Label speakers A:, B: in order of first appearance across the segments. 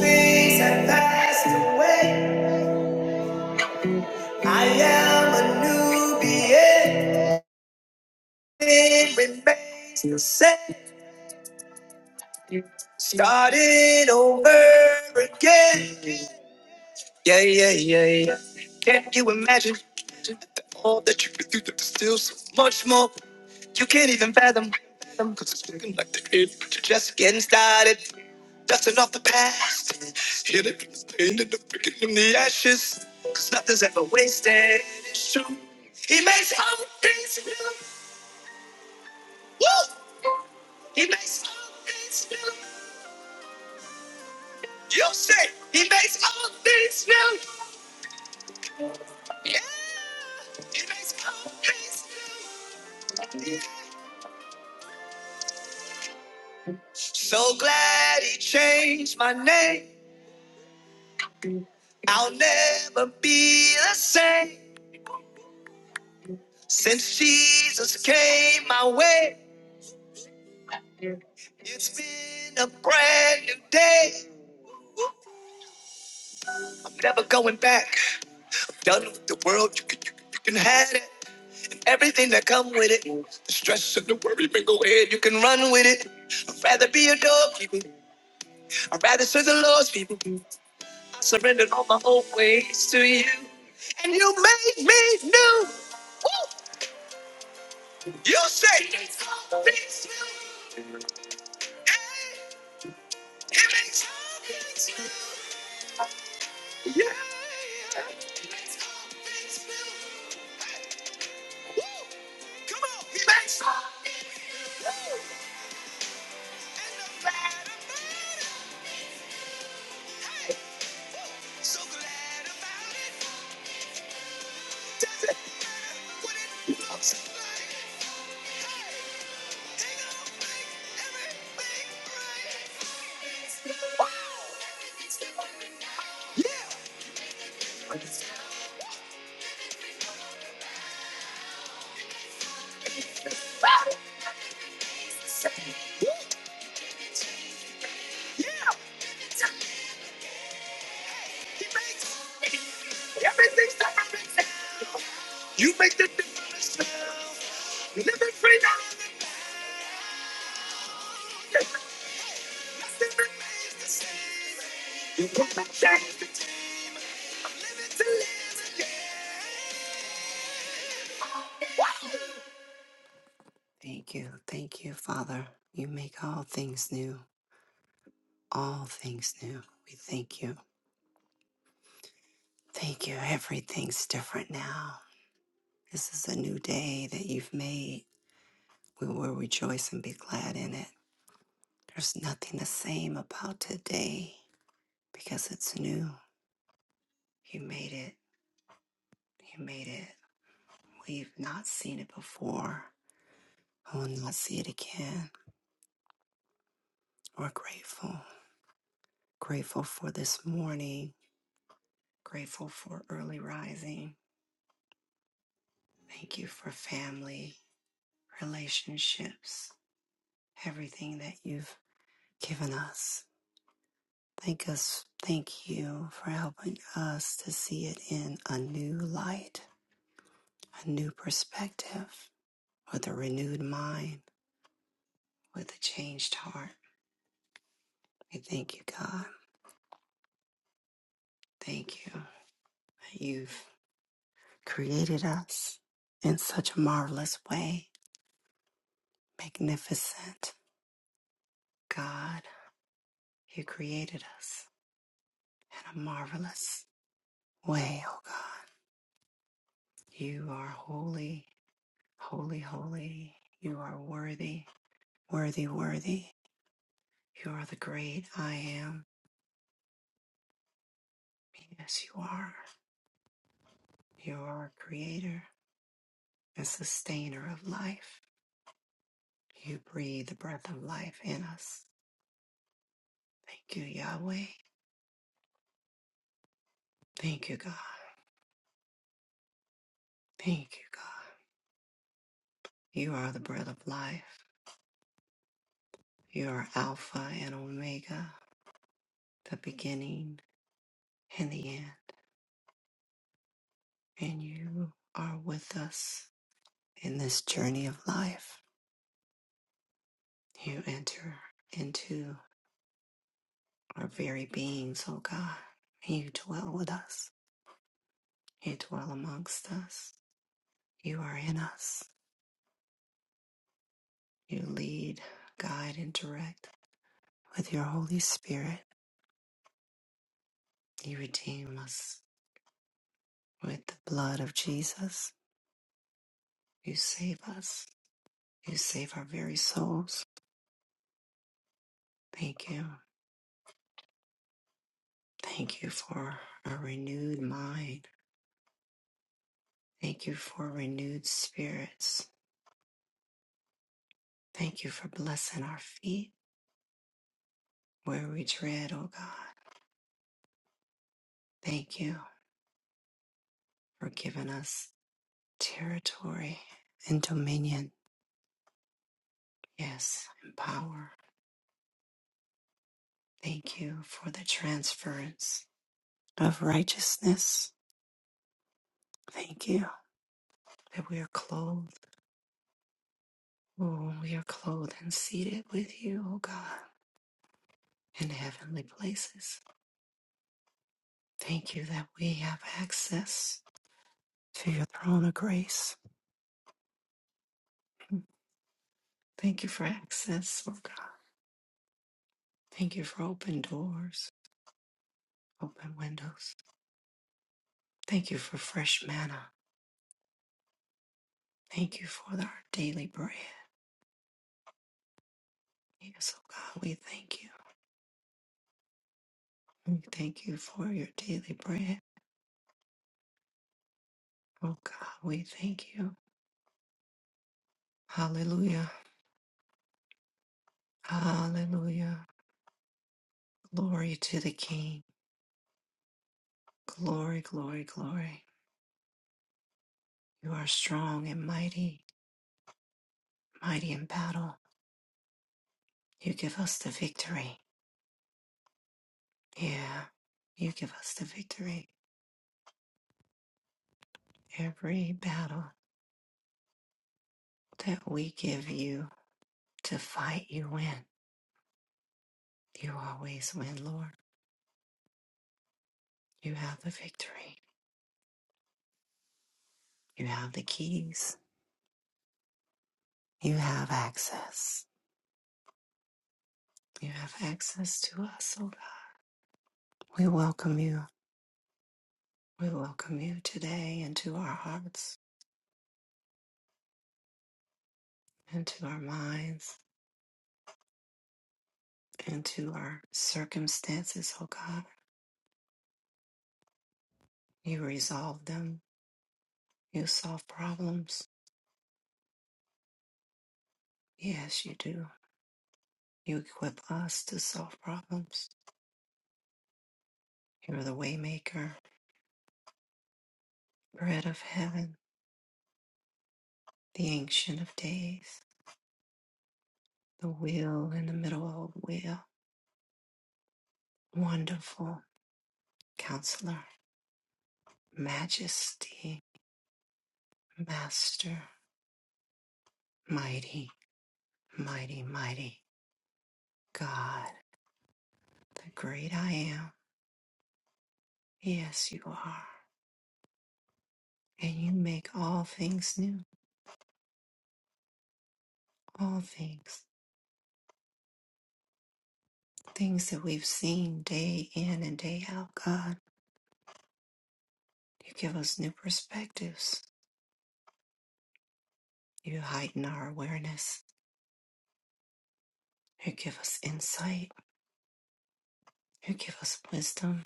A: Things have passed away. I am a new being. It remains the same. Starting over again. Yeah, yeah, yeah, yeah. Can you imagine? All that you've been through, there's still so much more you can't even fathom. Cause it's looking like the end, but you're just getting started. Dusting off the past, healing from the pain and the picking from the ashes. Cause nothing's ever wasted, it's true. He makes all things new. Woo! He makes all things new. You say he makes all things new. Yeah, he makes all things new. Yeah. So glad he changed my name. I'll never be the same. Since Jesus came my way, it's been a brand new day. I'm never going back. Done with the world. You can, you, you can have it. And everything that come with it. The stress and the worry, man, go ahead. You can run with it. I'd rather be a dog people. I'd rather serve the Lord's people. I surrendered all my old ways to you. And you made me new. Woo! You say this fits you. Hey, it makes all things new. Yeah. It makes all things new. Hey, woo! Come on, he makes all things new. Woo! And no matter, matter. Hey, woo! So glad about it. I'm so glad. it. It remains the same. Thank you. Thank you, Father. You make all things new, all things new. We thank you. Thank you. Everything's different now. This is a new day that you've made. We will rejoice and be glad in it. There's nothing the same about today because it's new. You made it. You made it. We've not seen it before. I will not see it again. We're grateful. Grateful for this morning. Grateful for early rising Thank you for family, relationships, everything that you've given us. Thank us. Thank you for helping us to see it in a new light, a new perspective, with a renewed mind, with a changed heart. We thank you, God. Thank you that you've created us in such a marvelous way, magnificent. God, you created us in a marvelous way, oh God. You are holy, holy, holy. You are worthy, worthy, worthy. You are the great I am. Yes, you are. You are creator and sustainer of life. You breathe the breath of life in us. Thank you, Yahweh. Thank you, God. Thank you, God. You are the breath of life. You are Alpha and Omega, the beginning and the end. And you are with us in this journey of life. You enter into our very beings, O God. You dwell with us. You dwell amongst us. You are in us. You lead, guide, and direct with your Holy Spirit. You redeem us with the blood of Jesus. You save us. You save our very souls. Thank you. Thank you for a renewed mind. Thank you for renewed spirits. Thank you for blessing our feet where we tread, O God. Thank you for giving us territory and dominion, yes, and power. Thank you for the transference of righteousness. Thank you that we are clothed. Oh, we are clothed and seated with you, O God, in heavenly places. Thank you that we have access to your throne of grace. Thank you for access, O God. Thank you for open doors, open windows. Thank you for fresh manna Thank you for our daily bread. Yes, oh God, we thank you. We thank you for your daily bread. Oh God, we thank you. Hallelujah. Hallelujah. Glory to the King. Glory, glory, glory. You are strong and mighty, mighty in battle. You give us the victory. Yeah, you give us the victory. Every battle that we give you to fight, you win. You always win, Lord. You have the victory. You have the keys. You have access. You have access to us, oh God. We welcome you. We welcome you today into our hearts, into our minds, into our circumstances, oh God. You resolve them. You solve problems. Yes, you do. You equip us to solve problems. You're the waymaker, bread of heaven, the ancient of days, the wheel in the middle of a wheel, wonderful counselor, Majesty, Master, Mighty, Mighty, Mighty God, the great I am. Yes, you are. And you make all things new, all things, things that we've seen day in and day out, God. You give us new perspectives. You heighten our awareness. You give us insight. You give us wisdom.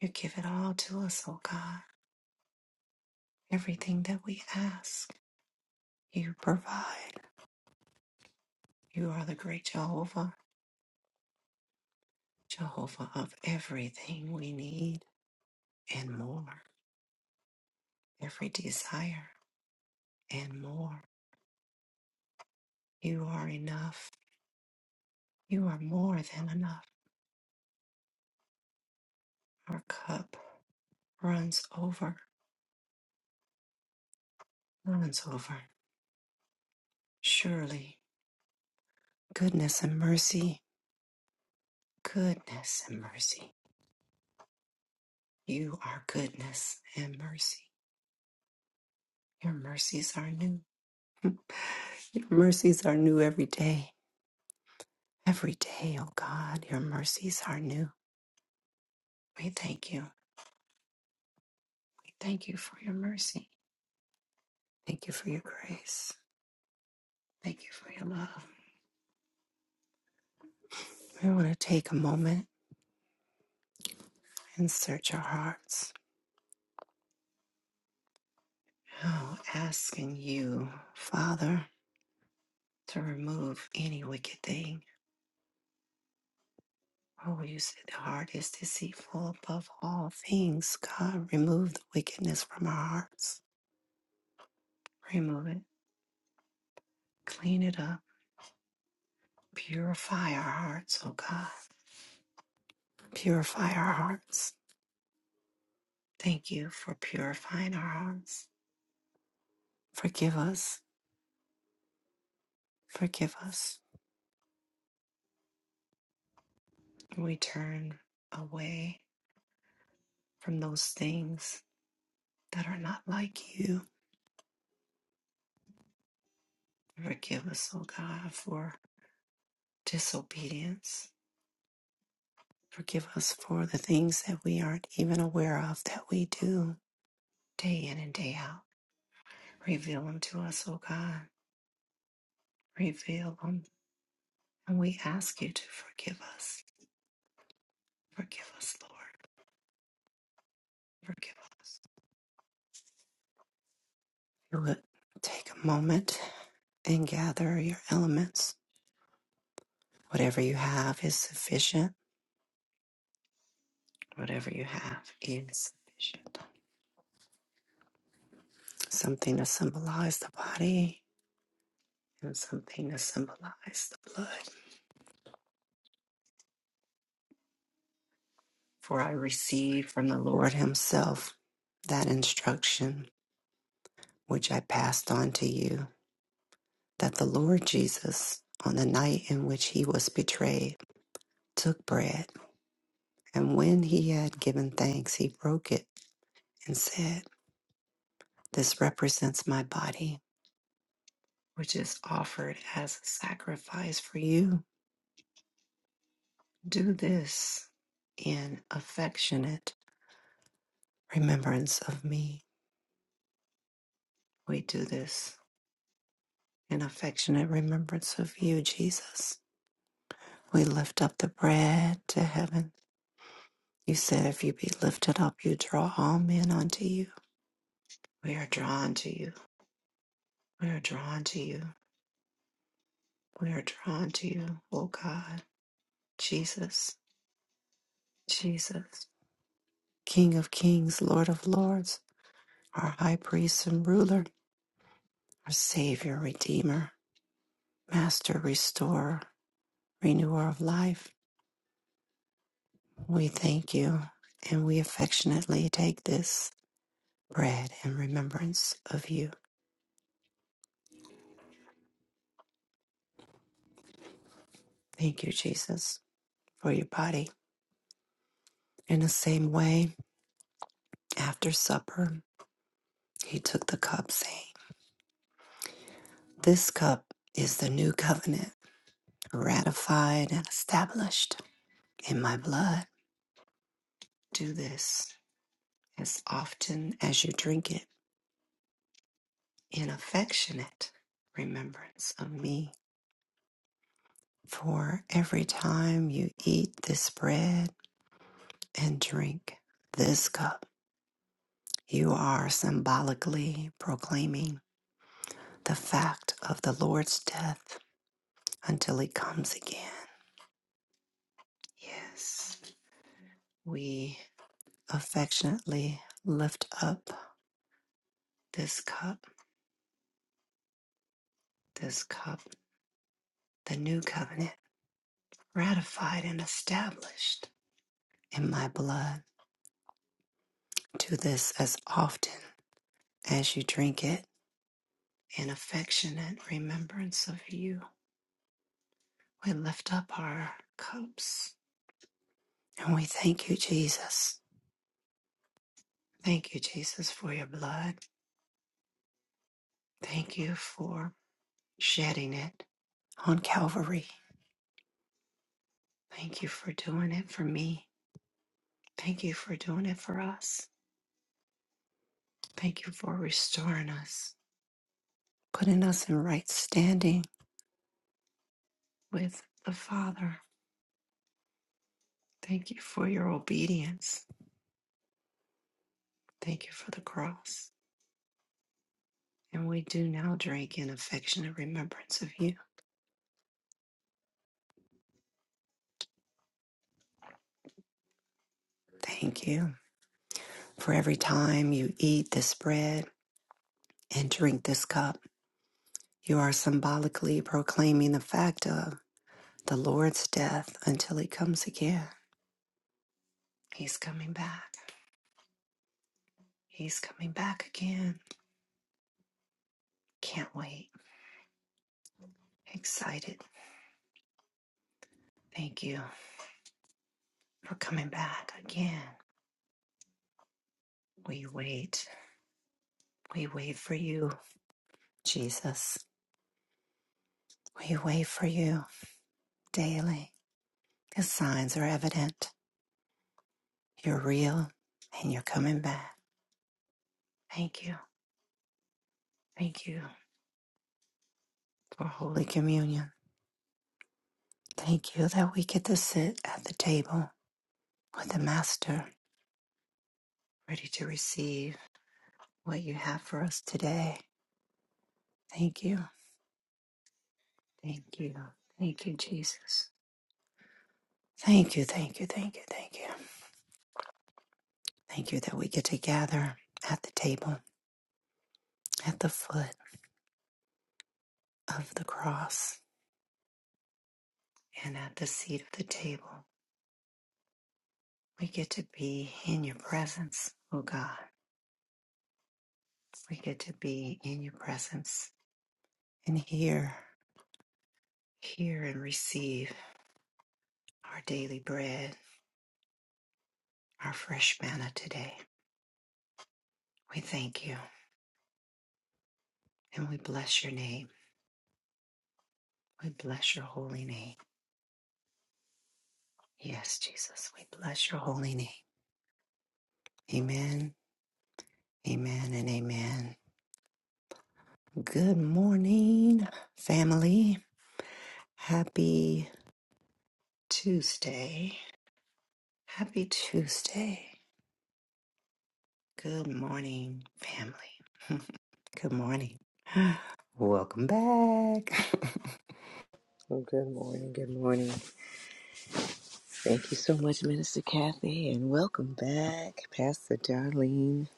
A: You give it all to us, oh God. Everything that we ask, you provide. You are the great Jehovah. Jehovah of everything we need and more, every desire and more. You are enough. You are more than enough. Our cup runs over, runs over. Surely, goodness and mercy, goodness and mercy. You are goodness and mercy. Your mercies are new. Your mercies are new every day. Every day, O God, your mercies are new. We thank you. We thank you for your mercy. Thank you for your grace. Thank you for your love. We want to take a moment and search our hearts. Oh, asking you, Father, to remove any wicked thing. Oh, you said the heart is deceitful above all things. God, remove the wickedness from our hearts. Remove it. Clean it up. Purify our hearts, oh God. Purify our hearts. Thank you for purifying our hearts. Forgive us. Forgive us. And We turn away from those things that are not like you. Forgive us, O God, for disobedience. Forgive us for the things that we aren't even aware of that we do day in and day out. Reveal them to us, O God. Reveal them. And we ask you to forgive us. Forgive us, Lord. Forgive us. You would take a moment and gather your elements. Whatever you have is sufficient Whatever you have is sufficient. Something to symbolize the body and something to symbolize the blood. For I received from the Lord Himself that instruction which I passed on to you that the Lord Jesus, on the night in which He was betrayed, took bread. And when He had given thanks, He broke it and said, This represents my body, which is offered as a sacrifice for you. Do this in affectionate remembrance of me. We do this in affectionate remembrance of you, Jesus. We lift up the bread to heaven. You said, if you be lifted up, you draw all men unto you. We are drawn to you. We are drawn to you. We are drawn to you, O God. Jesus, Jesus, King of kings, Lord of lords, our high priest and ruler, our Savior, Redeemer, Master, Restorer renewer of life, we thank you and we affectionately take this bread in remembrance of you. Thank you, Jesus, for your body. In the same way, after supper, he took the cup, saying, This cup is the new covenant, ratified and established in my blood. Do this as often as you drink it in affectionate remembrance of me. For every time you eat this bread, and drink this cup, you are symbolically proclaiming the fact of the Lord's death until he comes again. Yes, we affectionately lift up this cup, this cup, the new covenant, ratified and established in my blood. Do this as often as you drink it in affectionate remembrance of you. We lift up our cups And we thank you, Jesus. Thank you, Jesus, for your blood. Thank you for shedding it on Calvary. Thank you for doing it for me. Thank you for doing it for us. Thank you for restoring us, putting us in right standing with the Father. Thank you for your obedience. Thank you for the cross. And we do now drink in affectionate remembrance of you. Thank you for every time you eat this bread and drink this cup. You are symbolically proclaiming the fact of the Lord's death until he comes again. He's coming back. He's coming back again. Can't wait. Excited. Thank you for coming back again. We wait. We wait for you, Jesus. We wait for you daily. The signs are evident. You're real and you're coming back. Thank you. Thank you for Holy Communion. Thank you that we get to sit at the table with the Master, ready to receive what you have for us today. Thank you. Thank you. Thank you, Jesus. Thank you, thank you, thank you, thank you. Thank you that we get to gather at the table, at the foot of the cross, and at the seat of the table. We get to be in your presence, oh God. We get to be in your presence and hear, hear and receive our daily bread, our fresh manna today. We thank you. And we bless your name. We bless your holy name. Yes, Jesus, we bless your holy name. Amen, amen, and amen. Good morning, family. Happy Tuesday. Happy Tuesday. Good morning, family. Good morning. Welcome back.
B: Well, good morning. Good morning. Thank you so much, Minister Kathy, and welcome back, Pastor Darlene.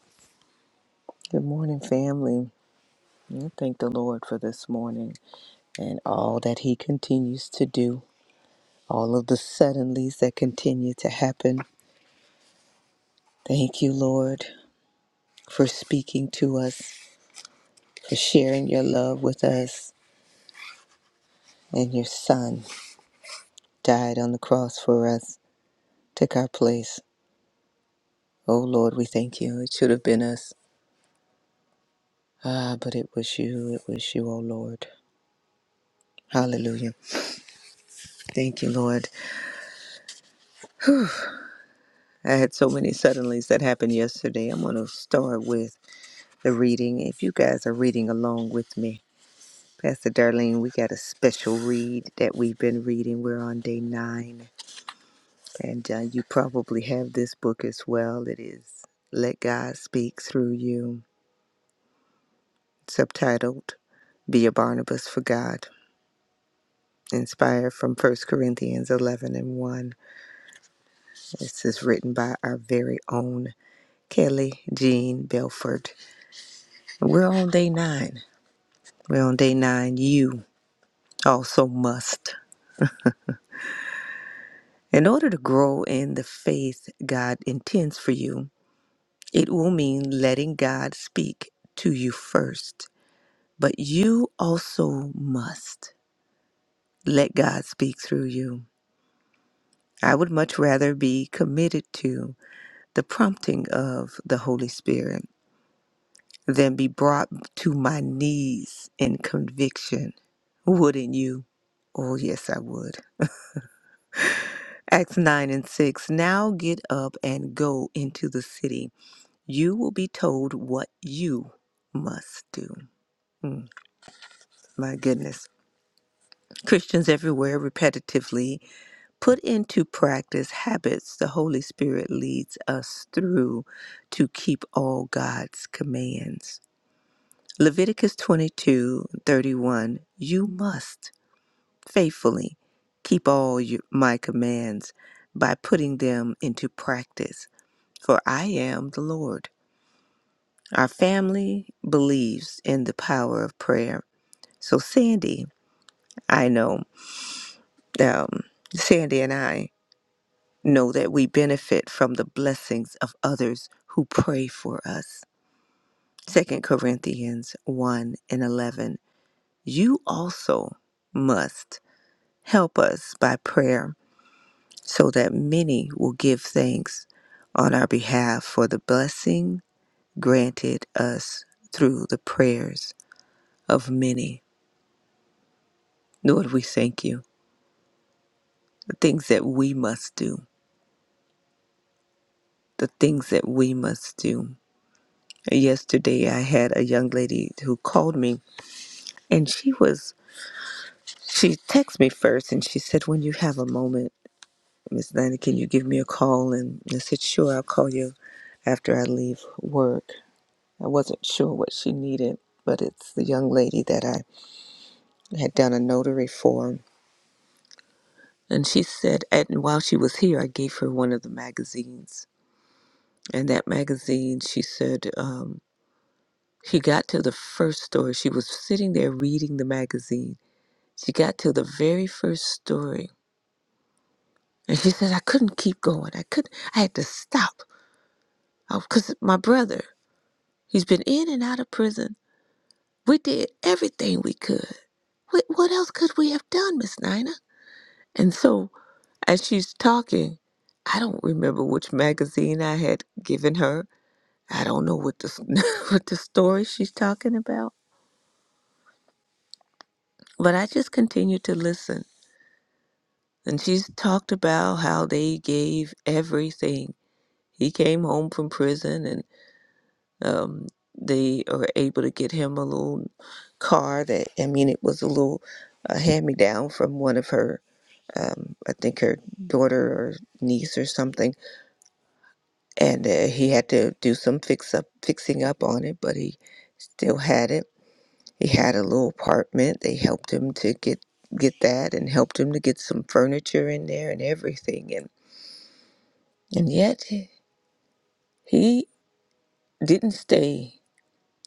B: Good morning, family. I thank the Lord for this morning and all that He continues to do, all of the suddenlies that continue to happen. Thank you, Lord, for speaking to us, for sharing your love with us, and your Son died on the cross for us, took our place. Oh, Lord, we thank you. It should have been us. Ah, but it was you. It was you, oh Lord. Hallelujah. Thank you, Lord. I had so many suddenlies that happened yesterday. I'm going to start with the reading. If you guys are reading along with me, Pastor Darlene, we got a special read that we've been reading. We're on day nine, and uh, you probably have this book as well. It is Let God Speak Through You, subtitled Be a Barnabas for God, inspired from First Corinthians 11 and 1. This is written by our very own Kelly Jean Belford. We're on day nine. We're on day nine. You also must. In order to grow in the faith God intends for you, it will mean letting God speak to you first. But you also must let God speak through you. I would much rather be committed to the prompting of the Holy Spirit than be brought to my knees in conviction. Wouldn't you? Oh, yes, I would. Acts 9 and 6 Now get up and go into the city. You will be told what you must do. My goodness. Christians everywhere repetitively put into practice habits the Holy Spirit leads us through to keep all God's commands. Leviticus 22 31. You must. faithfully keep all your, my commands by putting them into practice, for I am the Lord. Our family believes in the power of prayer. So, Sandy, I know, um, Sandy and I know that we benefit from the blessings of others who pray for us. Second Corinthians 1 and 11. You also must help us by prayer so that many will give thanks on our behalf for the blessing granted us through the prayers of many. Lord, we thank you. The things that we must do, the things that we must do. Yesterday, I had a young lady who called me, and she was, she texted me first and she said, When you have a moment, Miss Nina, can you give me a call? And I said, Sure, I'll call you after I leave work. I wasn't sure what she needed, but it's the young lady that I had done a notary for. And she said, and while she was here, I gave her one of the magazines. And that magazine, she said, um, she got to the first story. She was sitting there reading the magazine. She got to the very first story. And she said, I couldn't keep going. I couldn't, I had to stop. Because my brother, he's been in and out of prison. We did everything we could. What, what else could we have done, Miss Nina? And so as she's talking, I don't remember which magazine I had given her. I don't know what the what the story she's talking about, but I just continued to listen. And she's talked about how they gave everything. He came home from prison, and um, they were able to get him a little car that I mean, it was a little uh, hand me down from one of her, um, I think her daughter or niece or something and uh, he had to do some fix up fixing up on it but he still had it he had a little apartment they helped him to get get that and helped him to get some furniture in there and everything and and yet he didn't stay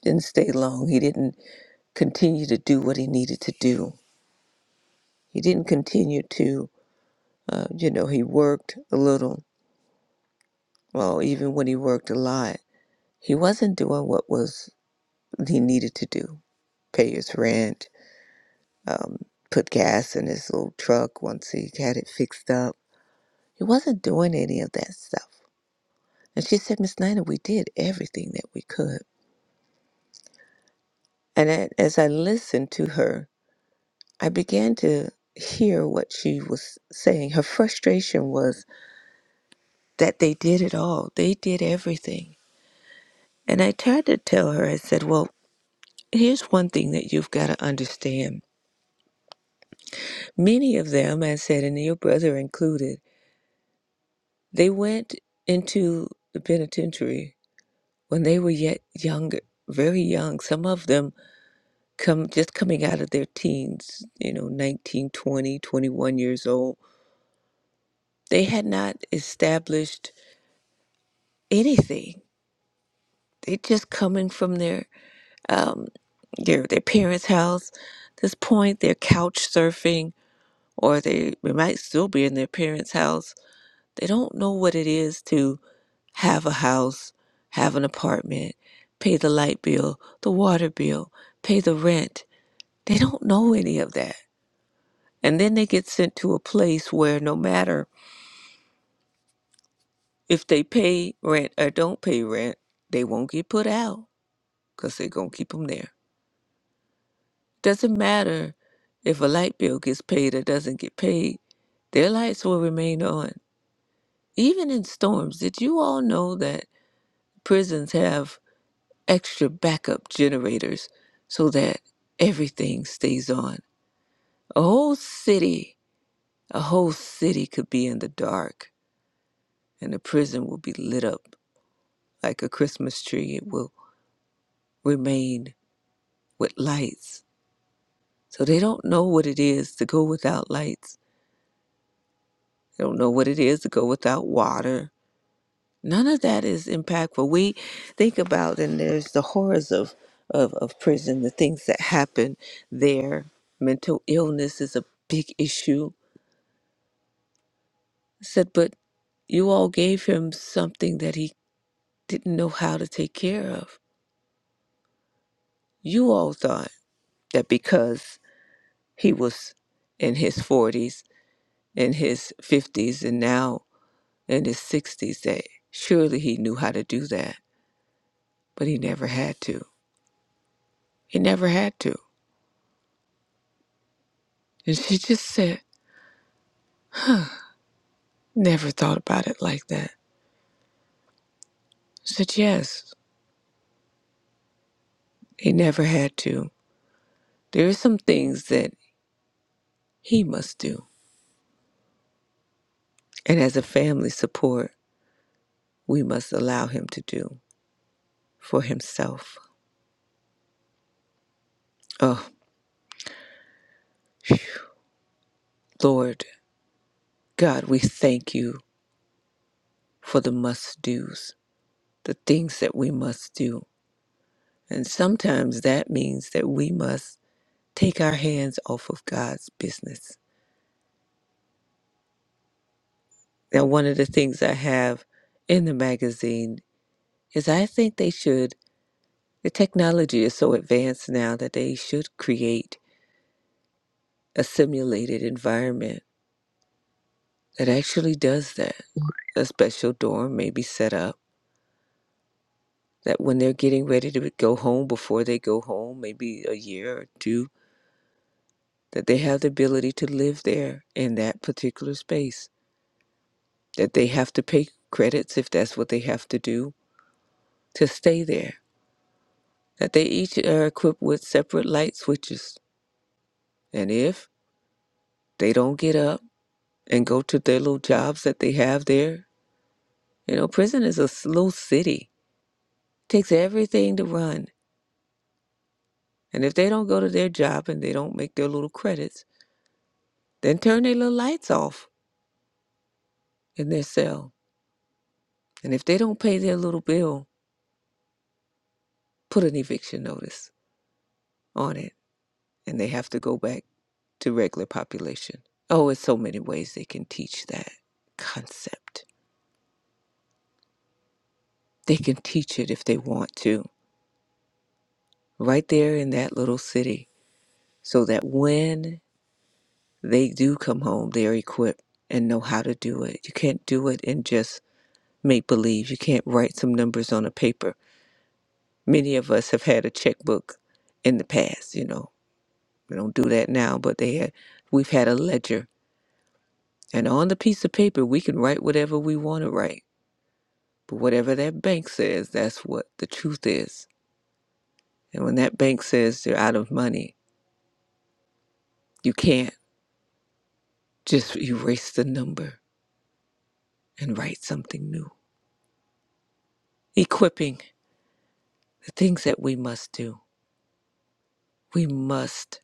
B: didn't stay long he didn't continue to do what he needed to do he didn't continue to uh, you know he worked a little well even when he worked a lot he wasn't doing what was he needed to do pay his rent um, put gas in his little truck once he had it fixed up. He wasn't doing any of that stuff. And she said, Miss Nina, we did everything that we could. And a- as I listened to her, I began to hear what she was saying. Her frustration was that they did it all, they did everything. And I tried to tell her, I said, Well, here's one thing that you've got to understand. Many of them, I said, and your brother included, they went into the penitentiary when they were yet young, very young, some of them come just coming out of their teens, you know, 19, 20, 21 years old. They had not established anything. They just coming from their um, their their parents' house. At This point, they're couch surfing, or they, they might still be in their parents' house. They don't know what it is to have a house, have an apartment, pay the light bill, the water bill, pay the rent, They don't know any of that. And then they get sent to a place where no matter if they pay rent or don't pay rent, they won't get put out because they're going to keep them there. Doesn't matter if a light bill gets paid or doesn't get paid, their lights will remain on. Even in storms, did you all know that prisons have extra backup generators so that everything stays on? A whole city, a whole city could be in the dark and the prison will be lit up like a Christmas tree. It will remain with lights. So they don't know what it is to go without lights. They don't know what it is to go without water. None of that is impactful. We think about and there's the horrors of, of, of prison, the things that happen there. Mental illness is a big issue. I said, but you all gave him something that he didn't know how to take care of. You all thought that because he was in his 40s, in his 50s, and now in his 60s that surely he knew how to do that, but he never had to. He never had to. And she just said, never thought about it like that. I said, yes, he never had to. There are some things that he must do. And as a family support, we must allow him to do for himself. Oh, phew. Lord God, we thank you for the must do's. the things that we must do. And sometimes that means that we must take our hands off of God's business. Now, one of the things I have in the magazine is I think they should, the technology is so advanced now that they should create a simulated environment that actually does that. A special dorm may be set up that when they're getting ready to go home, before they go home, maybe a year or two, that they have the ability to live there in that particular space that they have to pay credits if that's what they have to do to stay there, that they each are equipped with separate light switches. And if they don't get up and go to their little jobs that they have there, you know, prison is a slow city. It takes everything to run. And if they don't go to their job and they don't make their little credits, then turn their little lights off in their cell. And if they don't pay their little bill, put an eviction notice on it and they have to go back to regular population. Oh, in so many ways they can teach that concept. They can teach it if they want to, right there in that little city, so that when they do come home, they're equipped and know how to do it. You can't do it in just make believe. You can't write some numbers on a paper. Many of us have had a checkbook in the past, you know. We don't do that now, but they had we've had a ledger and on the piece of paper we can write whatever we want to write But whatever that bank says, that's what the truth is. And when that bank says they're out of money, you can't just erase the number and write something new. Equipping the things that we must do. We must,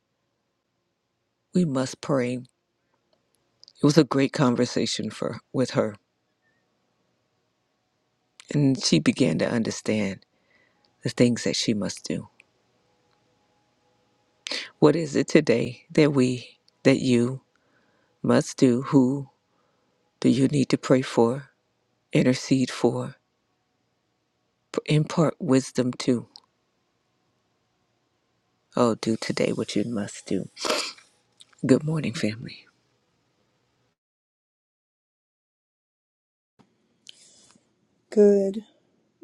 B: we must pray. It was a great conversation for with her. And she began to understand the things that she must do. What is it today that we that you must do? Who do you need to pray for? Intercede for? Impart wisdom to Oh, do today what you must do. Good morning, family.
C: Good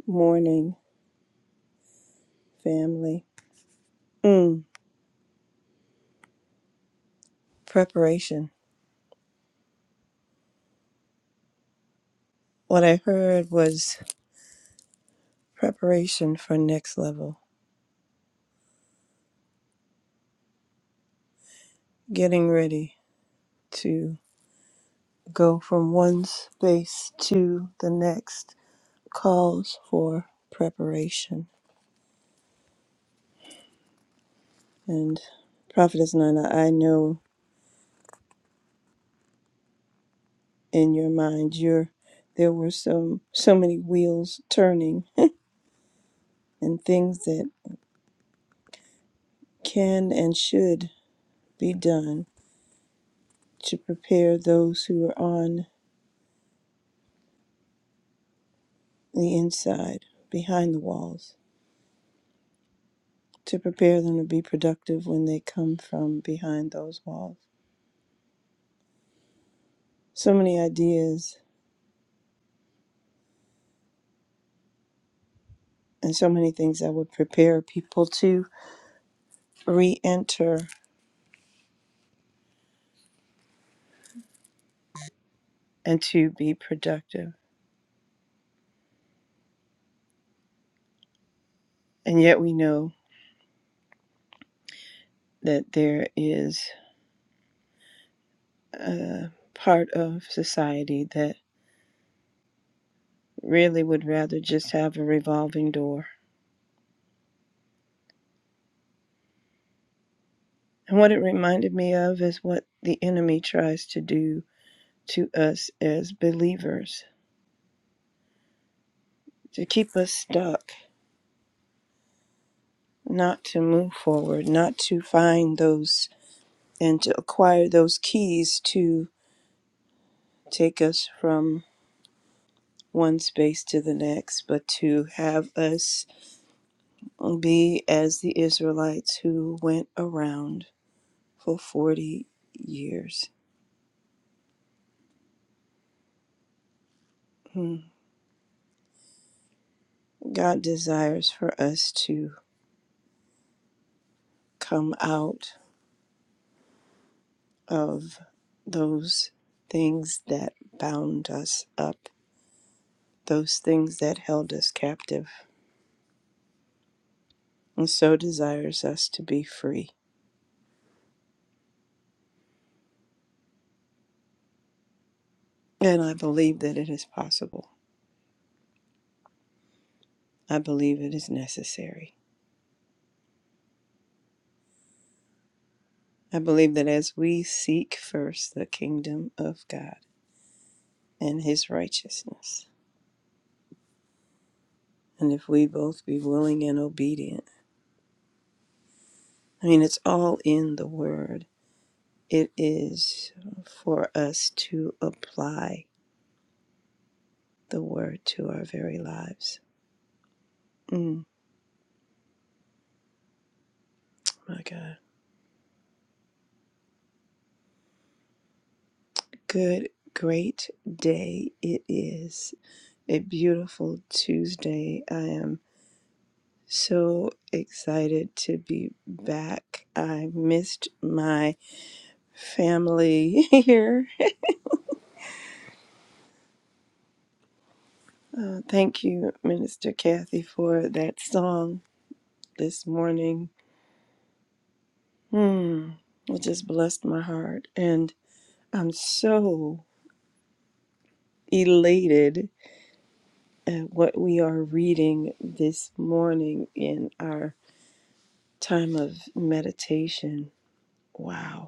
C: morning, family. Mm, preparation. What I heard was preparation for next level, getting ready to go from one space to the next calls for preparation. And Prophetess Nana, I know in your mind you're there were some so many wheels turning and things that can and should be done to prepare those who are on the inside, behind the walls, to prepare them to be productive when they come from behind those walls. So many ideas and so many things that would prepare people to re enter and to be productive. And yet we know that there is a part of society that really would rather just have a revolving door. And what it reminded me of is what the enemy tries to do to us as believers to keep us stuck, not to move forward, not to find those and to acquire those keys to take us from one space to the next, but to have us be as the Israelites who went around for 40 years. Hmm. God desires for us to come out of those things that bound us up, those things that held us captive and so desires us to be free. And I believe that it is possible. I believe it is necessary. I believe that as we seek first the kingdom of God and his righteousness, and if we both be willing and obedient, I mean, it's all in the word. It is for us to apply the word to our very lives. Mm, my God. Good, great day it is a beautiful Tuesday. I am so excited to be back. I missed my family here. Uh, thank you, Minister Kathy, for that song this morning. Hmm, it just blessed my heart. And I'm so elated at what we are reading this morning in our time of meditation. Wow.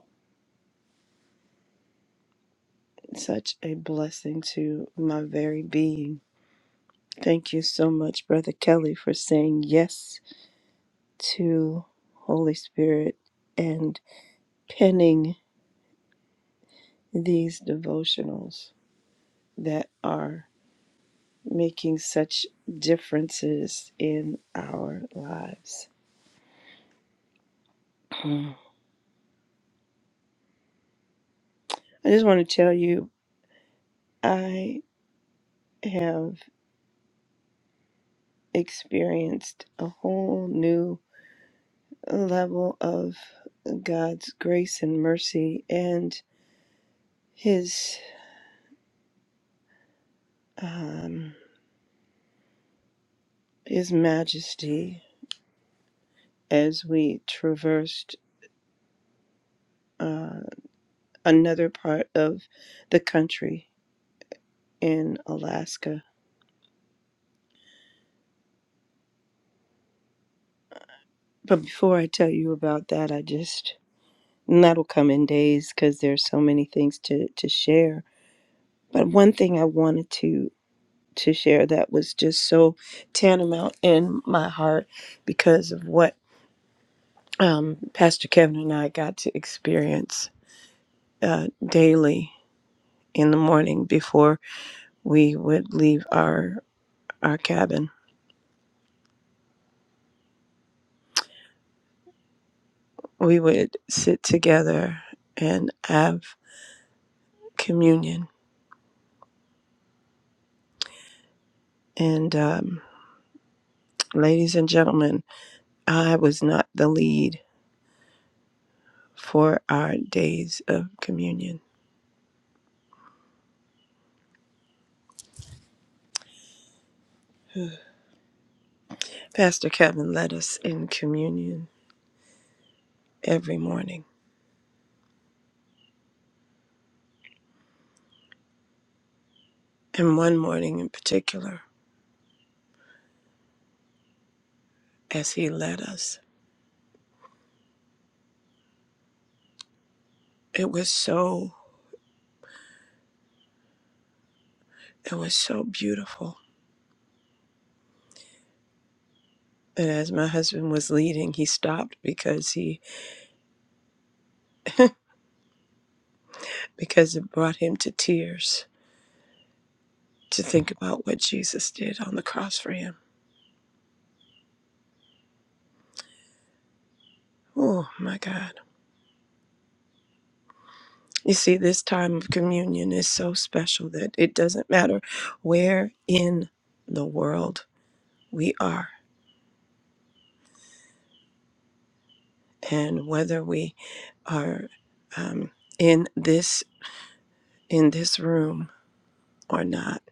C: such a blessing to my very being. Thank you so much, Brother Kelly, for saying yes to Holy Spirit and penning these devotionals that are making such differences in our lives. Mm. I just want to tell you, I have experienced a whole new level of God's grace and mercy and his um, His Majesty as we traversed uh, another part of the country in Alaska. But before I tell you about that, I just, and that'll come in days because there's so many things to, to share. But one thing I wanted to to share that was just so tantamount in my heart because of what um, Pastor Kevin and I got to experience uh, daily in the morning before we would leave our our cabin. We would sit together and have communion. And um, ladies and gentlemen, I was not the lead for our days of communion. Pastor Kevin led us in communion every morning, and one morning in particular, as he led us, it was so it was so beautiful. And as my husband was leading, he stopped because he because it brought him to tears to think about what Jesus did on the cross for him. Oh my God. You see, this time of communion is so special that it doesn't matter where in the world we are and whether we are um, in this in this room or not.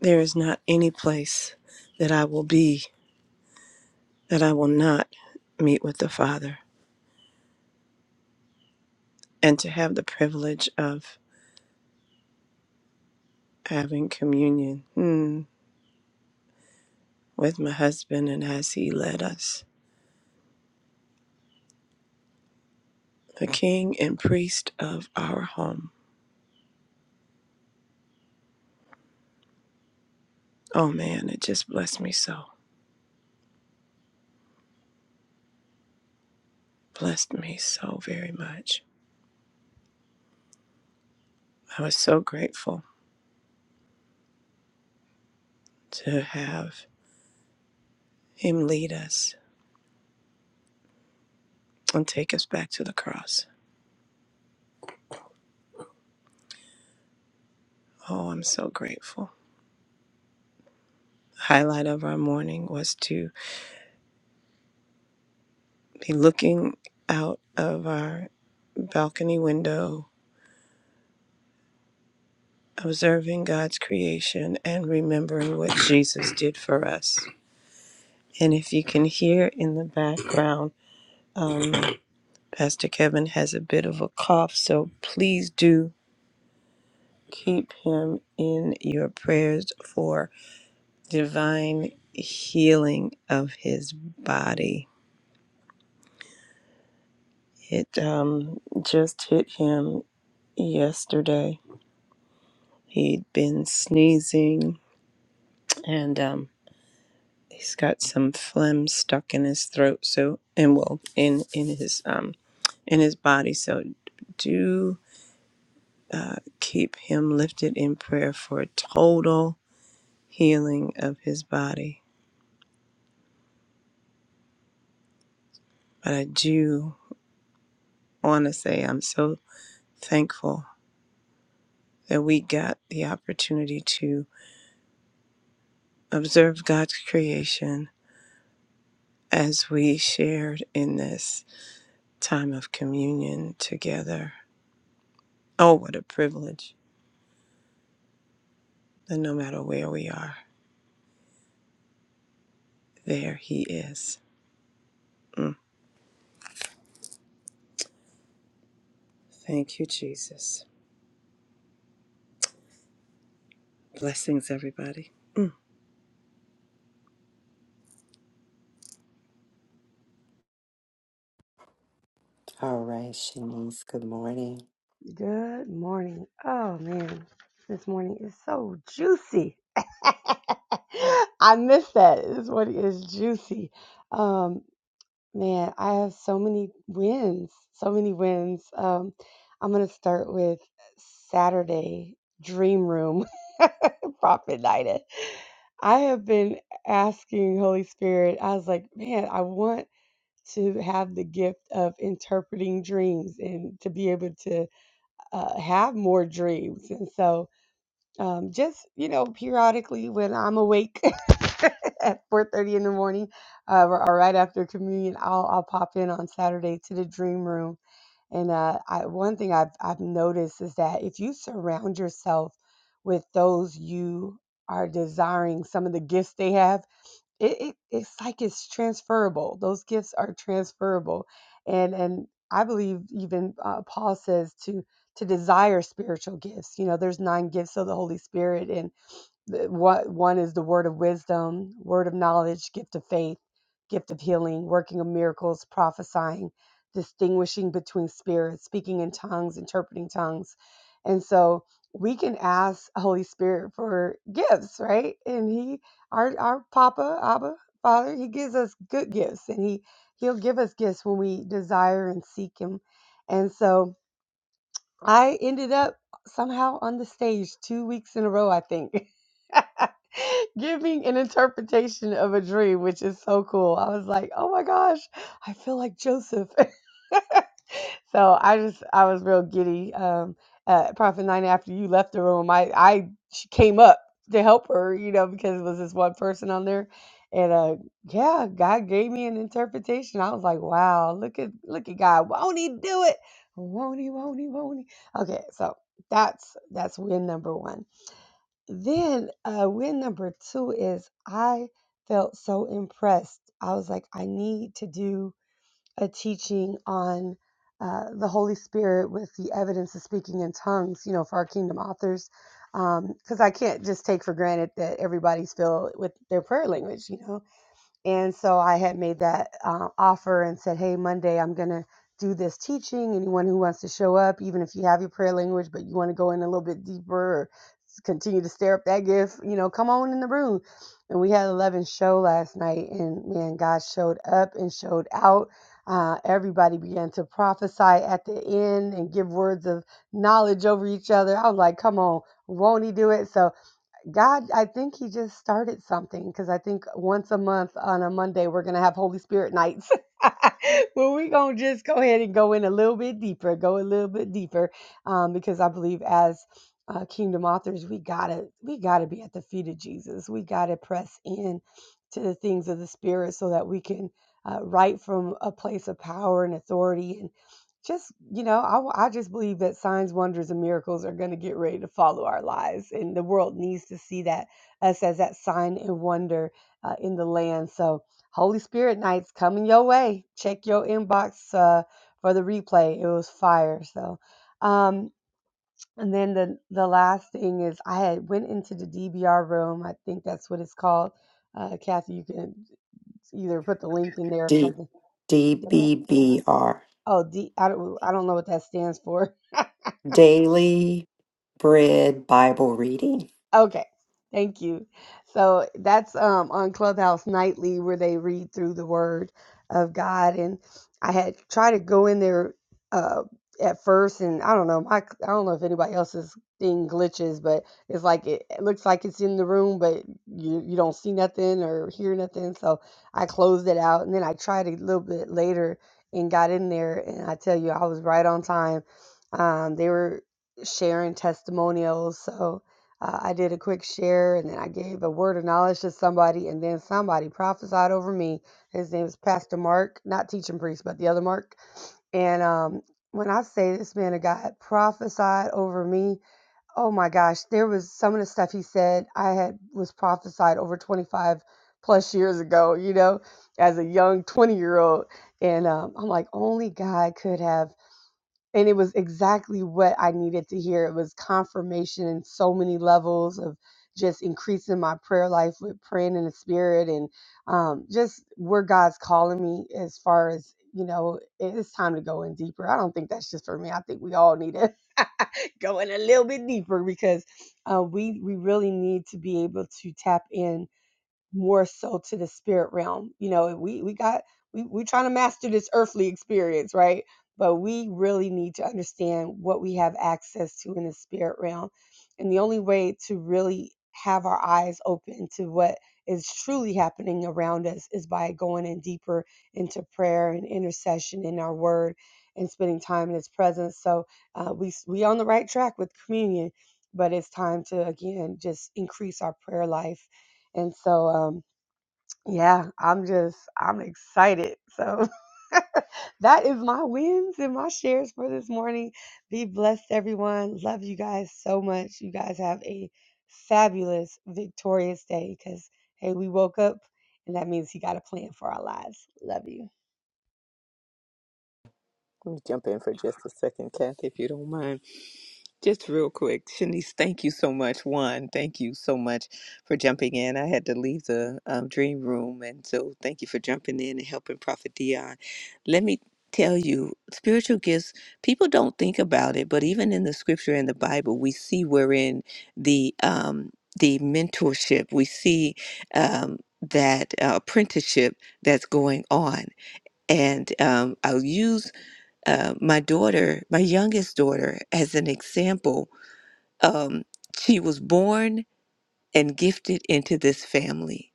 C: There is not any place that I will be that I will not meet with the Father and to have the privilege of having communion. hmm, with my husband and as he led us, the king and priest of our home. Oh man, it just blessed me so, blessed me so very much. I was so grateful to have him lead us and take us back to the cross. Oh, I'm so grateful. Highlight of our morning was to be looking out of our balcony window, observing God's creation and remembering what Jesus did for us. And if you can hear in the background, um, Pastor Kevin has a bit of a cough, so please do keep him in your prayers for divine healing of his body. It um, just hit him yesterday. He'd been sneezing and um, he's got some phlegm stuck in his throat. So and well in in his um in his body. So do uh, keep him lifted in prayer for total healing of his body. But I do want to say I'm so thankful that we got the opportunity to observe God's creation as we shared in this time of communion together. Oh, what a privilege that no matter where we are, there he is. Mm. Thank you, Jesus. Blessings, everybody. Mm.
A: All right, Shanice, good morning.
D: Good morning. Oh man, this morning is so juicy. I missed that. This morning is juicy. Um, man, I have so many wins, so many wins. Um, I'm gonna start with Saturday Dream Room Prophet Nida. I have been asking Holy Spirit. I was like, man, I want to have the gift of interpreting dreams and to be able to uh, have more dreams. And so, um, just you know, periodically when I'm awake at 4:30 in the morning, uh, or, or right after communion, I'll I'll pop in on Saturday to the dream room. And uh, I, one thing I've I've noticed is that if you surround yourself with those you are desiring, some of the gifts they have it, it it's like it's transferable those gifts are transferable and and i believe even uh, paul says to to desire spiritual gifts you know there's nine gifts of the holy spirit and. The- What one is the word of wisdom, word of knowledge, gift of faith, gift of healing, working of miracles, prophesying, distinguishing between spirits, speaking in tongues, interpreting tongues. And so we can ask Holy Spirit for gifts, right? And he our our Papa, Abba, Father, he gives us good gifts and he he'll give us gifts when we desire and seek him. And so I ended up somehow on the stage two weeks in a row, I think. giving an interpretation of a dream, which is so cool. I was like, oh my gosh, I feel like Joseph. so I just, I was real giddy. Um, uh, Prophet Nine, after you left the room, I, I she came up to help her, you know, because it was this one person on there. And uh, yeah, God gave me an interpretation. I was like, wow, look at look at God. Won't he do it? Won't he, won't he, won't he? Okay, so that's that's win number one then uh, win number two is I felt so impressed. I was like, I need to do a teaching on uh, the Holy Spirit with the evidence of speaking in tongues, you know, for our kingdom authors. Because I can't just take for granted that everybody's filled with their prayer language, you know and so I had made that uh, offer and said, hey, Monday, I'm going to do this teaching. Anyone who wants to show up, even if you have your prayer language, but you want to go in a little bit deeper or continue to stir up that gift, you know, come on in the room. And we had 11 show last night, and man, God showed up and showed out. Uh, everybody began to prophesy at the end and give words of knowledge over each other. I was like, come on, won't he do it? So God, I think he just started something because I think once a month on a Monday we're gonna have Holy Spirit nights. Well, we're gonna just go ahead and go in a little bit deeper, go a little bit deeper, um, because I believe as uh, kingdom authors, we gotta we gotta be at the feet of Jesus. We gotta press in to the things of the Spirit so that we can uh, write from a place of power and authority just you know I I just believe that signs wonders and miracles are going to get ready to follow our lives and the world needs to see that us as that sign and wonder uh, in the land so holy spirit nights coming your way check your inbox uh, for the replay it was fire so um and then the the last thing is i had went into the dbr room i think that's what it's called uh, kathy you can either put the link in there or
A: D-
D: something
A: DBBR,
D: oh d i don't i don't know what that stands for
A: Daily Bread Bible Reading.
D: Okay, thank you. So that's um on Clubhouse nightly where they read through the Word of God, and I had tried to go in there uh at first, and I don't know my I don't know if anybody else's thing glitches, but it's like it, it looks like it's in the room, but you you don't see nothing or hear nothing. So I closed it out, and then I tried a little bit later and got in there, and I tell you I was right on time. Um, they were sharing testimonials, so uh, I did a quick share and then I gave a word of knowledge to somebody, and then somebody prophesied over me. His name is Pastor Mark, not teaching priest, but the other Mark. And um, when I say this man of God prophesied over me, oh my gosh, there was some of the stuff he said I had was prophesied over 25 plus years ago, you know, as a young 20 year old. And um, I'm like, only God could have and it was exactly what I needed to hear. It was confirmation in so many levels of just increasing my prayer life with praying in the spirit and um, just where God's calling me as far as you know it- it's time to go in deeper. I don't think that's just for me. I think we all need to go in a little bit deeper because uh, we we really need to be able to tap in more so to the spirit realm. You know, we we got we we're trying to master this earthly experience, right? But we really need to understand what we have access to in the spirit realm. And the only way to really have our eyes open to what is truly happening around us is by going in deeper into prayer and intercession in our word and spending time in his presence. So uh, we we on the right track with communion, but it's time to again just increase our prayer life. And so um. Yeah, I'm just, I'm excited. So that is my wins and my shares for this morning. Be blessed, everyone. Love you guys so much. You guys have a fabulous, victorious day because, hey, we woke up and that means He got a plan for our lives. Love you.
B: Let me jump in for just a second, Kathy, if you don't mind. Just real quick, Shanice, thank you so much. One, thank you so much for jumping in. I had to leave the um, dream room, and so thank you for jumping in and helping Prophet Dion. Let me tell you, spiritual gifts, people don't think about it, but even in the scripture and the Bible, we see we're in the um, the mentorship. We see um, that uh, apprenticeship that's going on. And um, I'll use uh, my daughter, my youngest daughter, as an example um, she was born and gifted into this family.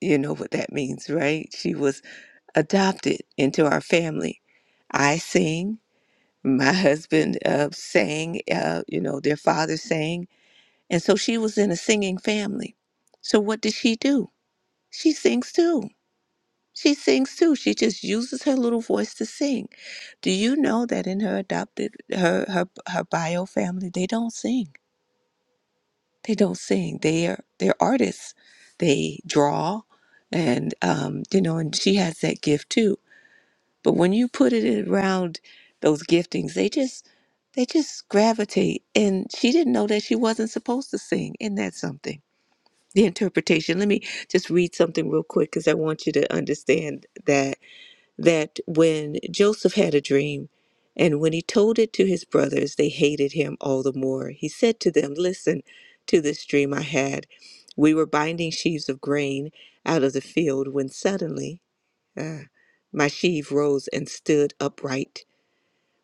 B: You know what that means, right? She was adopted into our family. I sing, my husband uh, sang, uh, you know, their father sang. And so she was in a singing family. So what did she do? She sings too. She sings too. She just uses her little voice to sing. Do you know that in her adopted her her her bio family they don't sing? They don't sing. They are they're artists. They draw, and um, you know, and she has that gift too. But when you put it around those giftings, they just they just gravitate. And she didn't know that she wasn't supposed to sing, and that's something. The interpretation. Let me just read something real quick because I want you to understand that that when Joseph had a dream, and when he told it to his brothers, they hated him all the more. He said to them, Listen to this dream I had. We were binding sheaves of grain out of the field when suddenly ah, my sheaf rose and stood upright,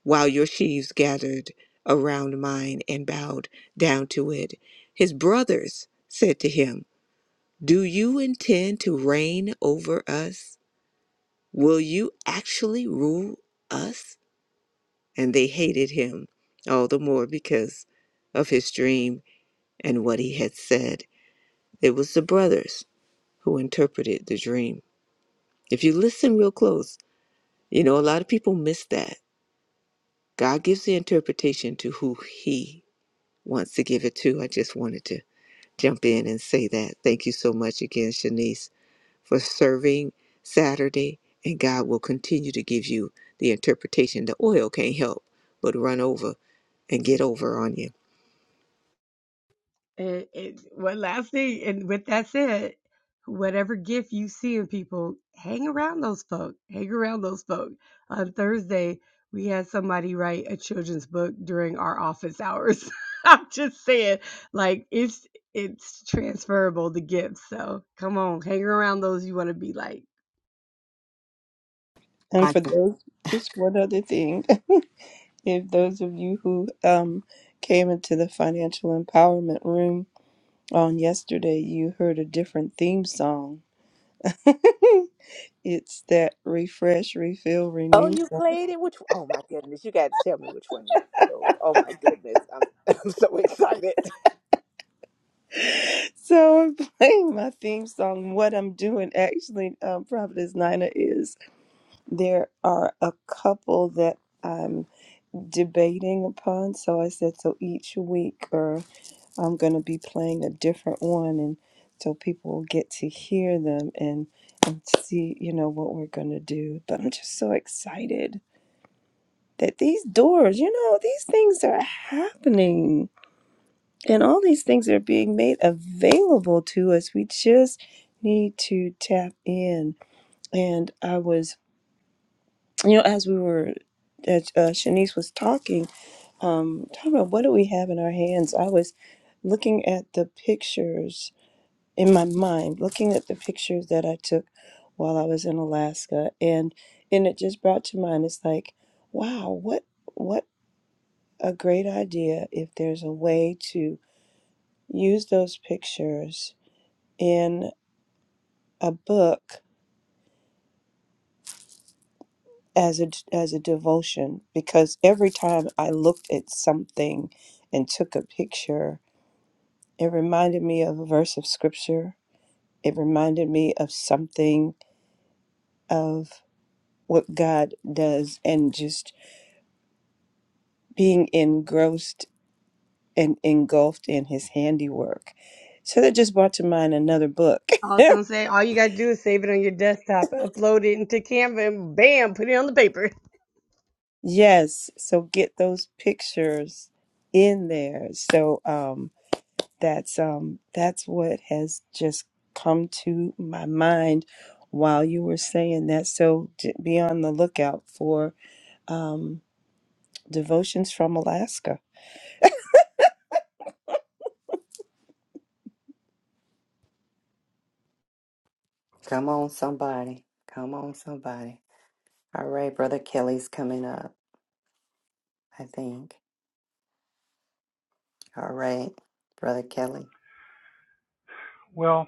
B: while your sheaves gathered around mine and bowed down to it. His brothers said to him, Do you intend to reign over us? Will you actually rule us? And they hated him all the more because of his dream and what he had said. It was the brothers who interpreted the dream. If you listen real close, you know, a lot of people miss that. God gives the interpretation to who he wants to give it to. I just wanted to jump in and say that. Thank you so much again, Shanice. for serving Saturday, and God will continue to give you the interpretation. The oil can't help but run over and get over on you.
D: And, and one last thing, and with that said, whatever gift you see in people, hang around those folk. Hang around those folk. On Thursday, we had somebody write a children's book during our office hours. I'm just saying, like it's it's transferable the gifts. So come on, hang around those you want to be like.
C: And
A: I
C: for
A: can-
C: those, just one other thing If those of you who um, came into the financial empowerment room on yesterday, you heard a different theme song. it's that refresh, refill,
B: Oh,
C: renew
B: you
C: song.
B: played it? Which? Oh my goodness! You got to tell me which one you chose. Oh my goodness! I'm I'm so excited.
C: So I'm playing my theme song. What I'm doing actually, um, Prophetess Nina, is there are a couple that I'm debating upon. So I said, so each week or I'm going to be playing a different one, and so people will get to hear them and and see, you know, what we're going to do. But I'm just so excited that these doors, you know, these things are happening, and all these things are being made available to us. We just need to tap in. And I was, you know, as we were, as uh, Shanice was talking, um, talking about what do we have in our hands, I was looking at the pictures in my mind looking at the pictures that I took while I was in Alaska and and it just brought to mind it's like wow what what a great idea if there's a way to use those pictures in a book as a as a devotion because every time I looked at something and took a picture it reminded me of a verse of scripture it reminded me of something of what God does and just being engrossed and engulfed in his handiwork. So that just brought to mind another book.
D: Also, I'm saying all you gotta do is save it on your desktop, upload it into Canva, and bam, put it on the paper.
C: yes, so get those pictures in there. So um that's um that's what has just come to my mind while you were saying that. So j- be on the lookout for um devotions from Alaska.
A: come on, somebody. Come on, somebody. All right, Brother Kelly's coming up, I think. All right, Brother Kelly.
E: Well,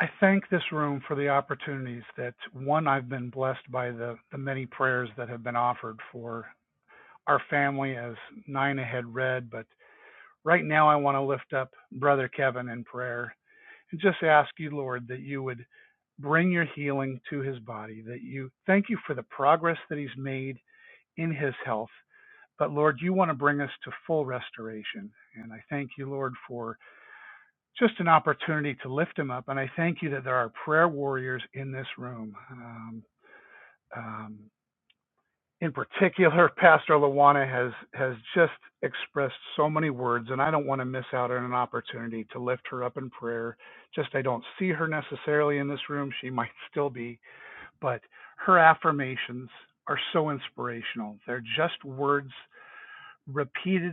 E: I thank this room for the opportunities that one, I've been blessed by the, the many prayers that have been offered for our family, as Nina had read. But right now, I want to lift up Brother Kevin in prayer and just ask you, Lord, that you would bring your healing to his body, that you thank you for the progress that he's made in his health. But Lord, you want to bring us to full restoration. And I thank you, Lord, for just an opportunity to lift him up. And I thank you that there are prayer warriors in this room. Um, um, in particular, Pastor Lawana has has just expressed so many words, and I don't want to miss out on an opportunity to lift her up in prayer. Just I don't see her necessarily in this room; she might still be, but her affirmations are so inspirational. They're just words repeated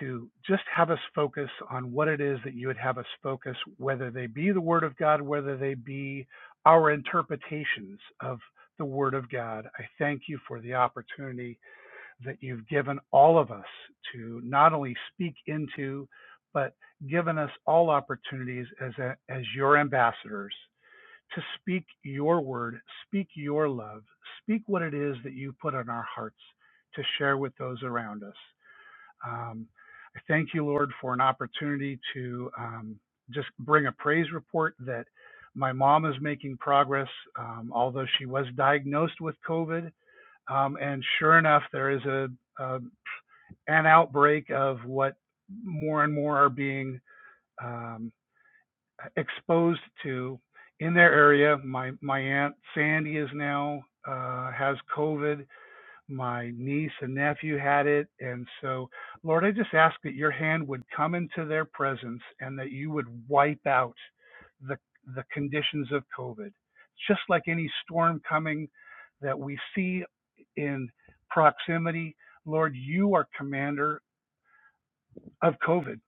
E: to just have us focus on what it is that you would have us focus, whether they be the Word of God, whether they be our interpretations of the Word of God. I thank you for the opportunity that you've given all of us to not only speak into, but given us all opportunities as, a, as your ambassadors to speak your word, speak your love, speak what it is that you put on our hearts to share with those around us. Um, I thank you, Lord, for an opportunity to um, just bring a praise report that my mom is making progress, um, although she was diagnosed with COVID. Um, and sure enough, there is a, a an outbreak of what more and more are being um, exposed to in their area. My my aunt Sandy is now uh, has COVID my niece and nephew had it. And so, Lord, I just ask that your hand would come into their presence and that you would wipe out the, the conditions of COVID. Just like any storm coming that we see in proximity, Lord, you are commander of COVID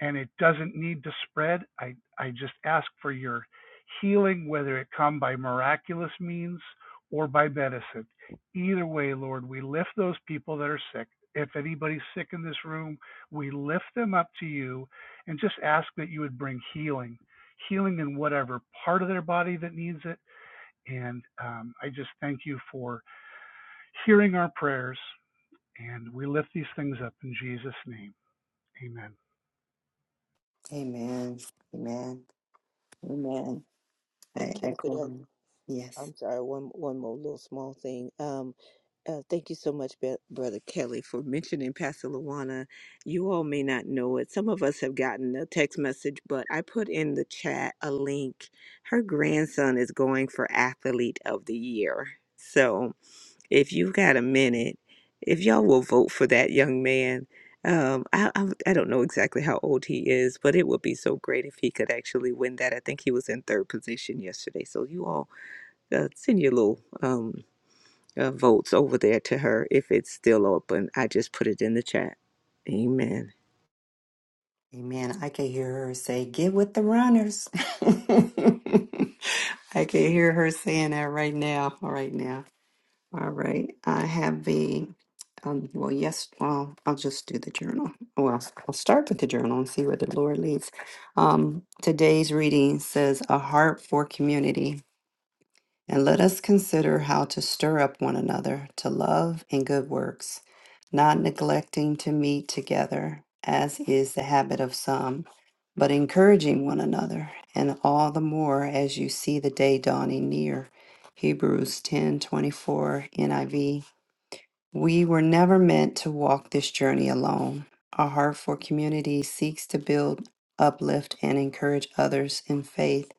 E: and it doesn't need to spread. I, I just ask for your healing, whether it come by miraculous means or by medicine. Either way, Lord, we lift those people that are sick. If anybody's sick in this room, we lift them up to you and just ask that you would bring healing, healing in whatever part of their body that needs it. And um, I just thank you for hearing our prayers. And we lift these things up in Jesus' name. Amen.
A: Amen. Amen. Amen.
B: Hey,
A: I echo
B: Kathy,
A: him. Yes.
B: I'm sorry, one one more little small thing. Um, uh, thank you so much, Be- Brother Kelly, for mentioning Pastor Luana. You all may not know it. Some of us have gotten a text message, but I put in the chat a link. Her grandson is going for Athlete of the Year. So if you've got a minute, if y'all will vote for that young man, um, I, I, I don't know exactly how old he is, but it would be so great if he could actually win that. I think he was in third position yesterday. So you all uh, send your little um, uh, votes over there to her if it's still open. I just put it in the chat. Amen.
A: Amen. I can hear her say, Get with the runners. I can hear her saying that right now. Right now. All right, I have the, um, well, yes, well, I'll just do the journal. Well, I'll I'll start with the journal and see where the Lord leads. Um, today's reading says, A Heart for Community. And let us consider how to stir up one another to love and good works, not neglecting to meet together, as is the habit of some, but encouraging one another, and all the more as you see the day dawning near. Hebrews 10 24 NIV we were never meant to walk this journey alone. Our heart for community seeks to build, uplift, and encourage others in faith.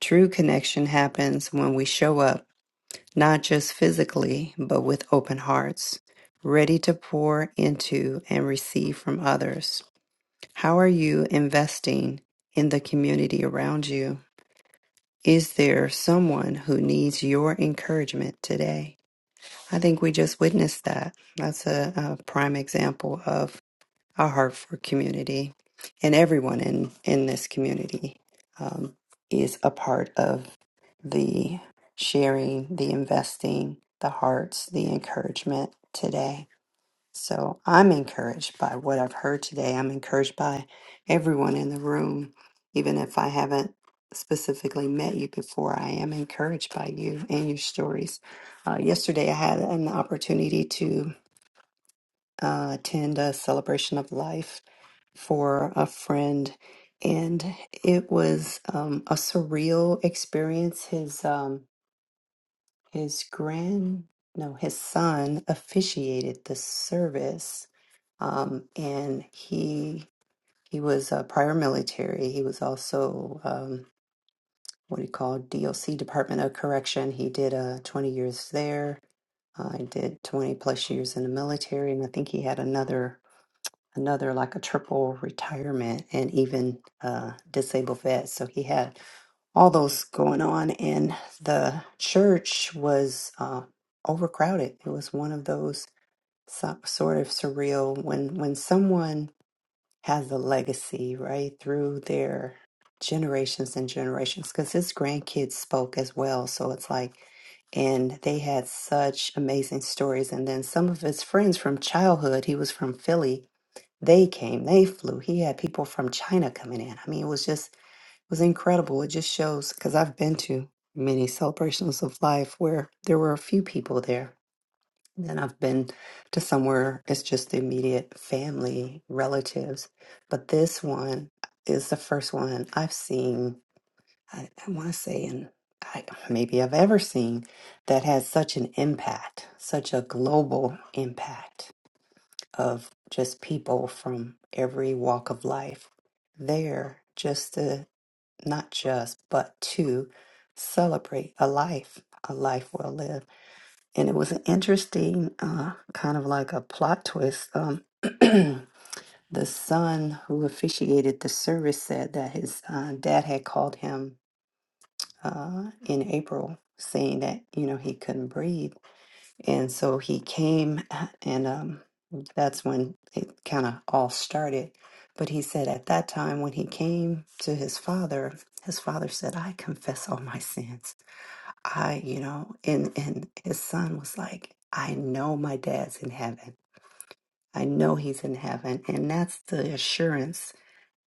A: True connection happens when we show up, not just physically, but with open hearts, ready to pour into and receive from others. How are you investing in the community around you? Is there someone who needs your encouragement today? I think we just witnessed that. That's a, a prime example of our heart for community, and everyone in in this community um, is a part of the sharing, the investing, the hearts, the encouragement today. So I'm encouraged by what I've heard today. I'm encouraged by everyone in the room. Even if I haven't specifically met you before, I am encouraged by you and your stories. Uh, yesterday, I had an opportunity to uh, attend a celebration of life for a friend, and it was um, a surreal experience. His um, his grand no, his son officiated the service um, and he he was uh, prior military. He was also um, what he called DOC Department of Correction. He did uh, 20 years there. I did 20 plus years in the military, and I think he had another another like a triple retirement and even uh, disabled vet. So he had all those going on, and the church was uh, overcrowded. It was one of those so, sort of surreal when when someone has a legacy right through their generations and generations because his grandkids spoke as well. So it's like, and they had such amazing stories. And then some of his friends from childhood, he was from Philly, they came, they flew. He had people from China coming in. I mean, it was just, it was incredible. It just shows because I've been to many celebrations of life where there were a few people there and then I've been to somewhere it's just the immediate family, relatives. But this one is the first one I've seen, I, I want to say, and I, maybe I've ever seen that has such an impact, such a global impact of just people from every walk of life there, just to not just, but to celebrate a life, a life well lived and it was an interesting uh, kind of like a plot twist. Um, the son who officiated the service said that his uh, dad had called him uh, in April saying that you know he couldn't breathe, and so he came, and um, that's when it kind of all started. But he said at that time when he came to his father, his father said, "I confess all my sins." I, you know, and and his son was like, I know my dad's in heaven. I know he's in heaven. And that's the assurance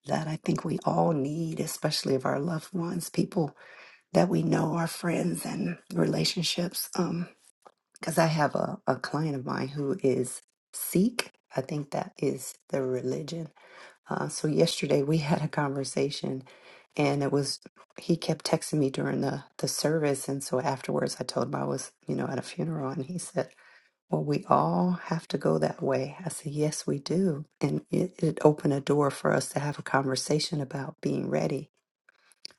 A: that I think we all need, especially of our loved ones, people that we know, our friends and relationships. Um, because I have a, a client of mine who is Sikh. I think that is the religion uh, so yesterday we had a conversation, and it was he kept texting me during the the service, and so afterwards I told him I was you know at a funeral, and he said, "Well, we all have to go that way." I said, "Yes, we do," and it, it opened a door for us to have a conversation about being ready.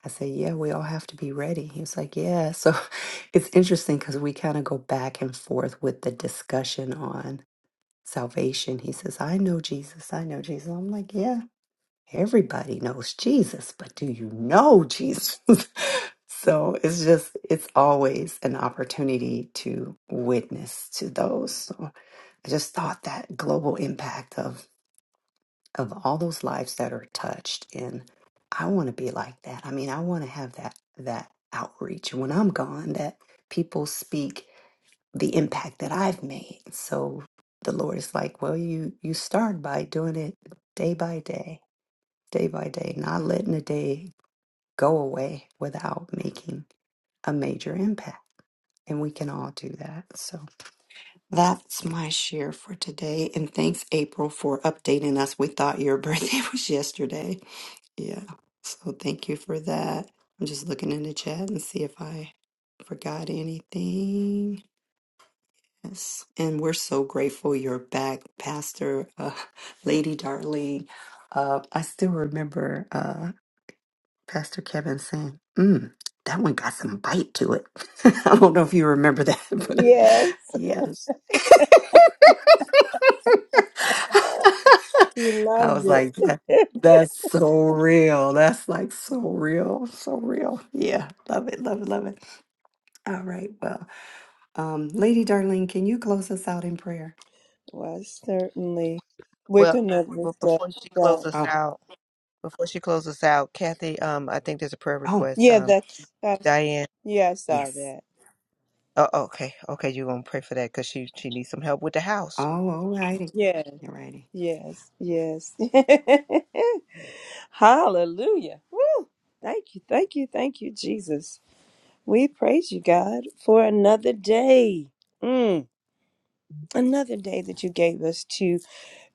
A: I said, "Yeah, we all have to be ready." He was like, "Yeah." So it's interesting because we kind of go back and forth with the discussion on salvation. He says, "I know Jesus. I know Jesus." I'm like, "Yeah." Everybody knows Jesus, but do you know Jesus? so it's just, it's always an opportunity to witness to those. So I just thought that global impact of, of all those lives that are touched. And I want to be like that. I mean, I want to have that, that outreach. When I'm gone, that people speak the impact that I've made. So the Lord is like, well, you, you start by doing it day by day day by day, not letting a day go away without making a major impact. And we can all do that. So that's my share for today. And thanks, April, for updating us. We thought your birthday was yesterday. Yeah. So thank you for that. I'm just looking in the chat and see if I forgot anything. Yes. And we're so grateful you're back, Pastor uh, Lady Darling. Uh, I still remember. Uh, Pastor Kevin saying, mm, that one got some bite to it. I don't know if you remember that, but
C: Yes,
A: yes.
C: you
A: I
C: loved
A: was like, "That-
C: it.
A: that's so real. That's like so real, so real. Yeah, love it, love it, love it. All right, well, um, Lady Darling, can you close us out in prayer?
C: well, certainly. We're
B: Well,
C: gonna look
B: but
C: that
B: before she
C: up.
B: close us
A: Oh,
B: out, before she close us out, Kathy, um, I think there's a prayer
A: oh,
B: request.
C: Yeah,
B: Um,
C: that's that's
B: Diane.
C: yeah, I saw
A: yes.
C: that.
B: Oh, okay, okay, you're gonna pray for that because she she needs some help with the house.
A: Oh, all righty.
C: Yeah,
A: All righty.
C: yes, yes. Hallelujah. Woo. Thank you, thank you, thank you, Jesus. We praise you, God, for another day. Mm. Another day that you gave us to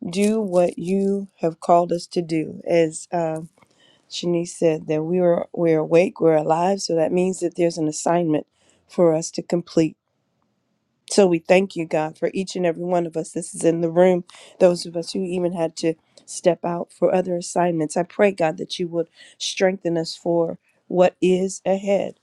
C: do what you have called us to do. As um, Shanice said, that we were we're awake, we're alive, so that means that there's an assignment for us to complete. So we thank you, God, for each and every one of us. This is in the room, those of us who even had to step out for other assignments. I pray, God, that you would strengthen us for what is ahead.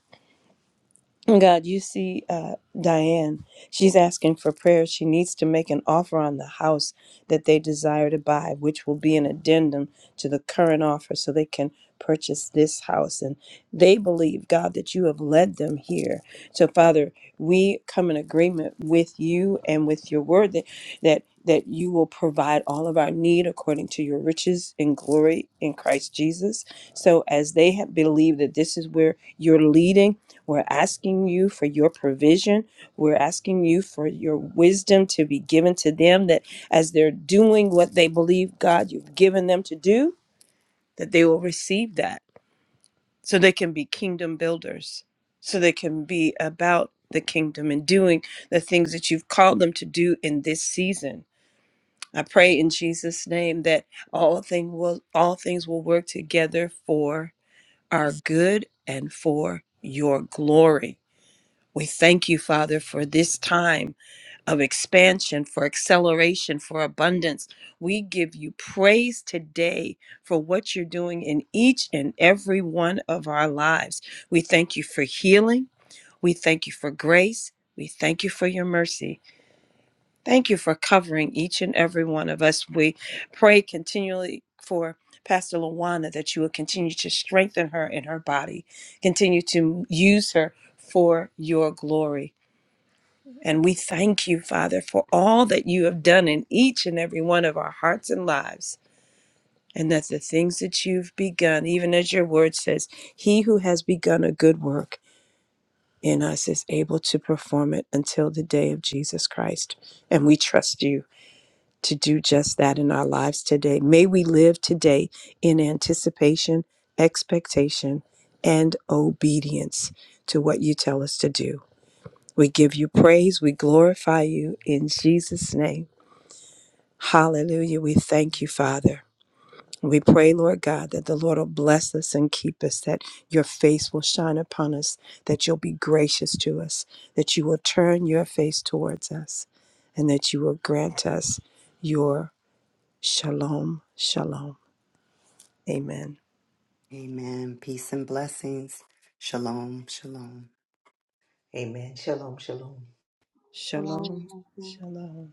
C: And God, you see, uh, Diane, she's asking for prayer. She needs to make an offer on the house that they desire to buy, which will be an addendum to the current offer so they can purchase this house. And they believe, God, that you have led them here. So, Father, we come in agreement with you and with your word that, that that you will provide all of our need according to your riches and glory in Christ Jesus. So as they have believed that this is where you're leading we're asking you for your provision. We're asking you for your wisdom to be given to them that as they're doing what they believe, God, you've given them to do, that they will receive that so they can be kingdom builders, so they can be about the kingdom and doing the things that you've called them to do in this season. I pray in Jesus' name that all thing will all things will work together for our good and for your glory we thank you, Father, for this time of expansion, for acceleration, for abundance. We give you praise today for what you're doing in each and every one of our lives. We thank you for healing. We thank you for grace. We thank you for your mercy. Thank you for covering each and every one of us. We pray continually for Pastor Lawana that you will continue to strengthen her in her body, continue to use her for your glory. And we thank you, Father, for all that you have done in each and every one of our hearts and lives. And that the things that you've begun, even as your word says, he who has begun a good work in us is able to perform it until the day of Jesus Christ. And we trust you to do just that in our lives today. May we live today in anticipation, expectation, and obedience to what you tell us to do. We give you praise. We glorify you in Jesus' name. Hallelujah. We thank you, Father. We pray, Lord God, that the Lord will bless us and keep us, that your face will shine upon us, that you'll be gracious to us, that you will turn your face towards us, and that you will grant us your shalom, shalom. Amen.
A: Amen. Peace and blessings. Shalom, shalom.
B: Amen. Shalom, shalom.
C: Shalom,
D: Shalom.
C: shalom.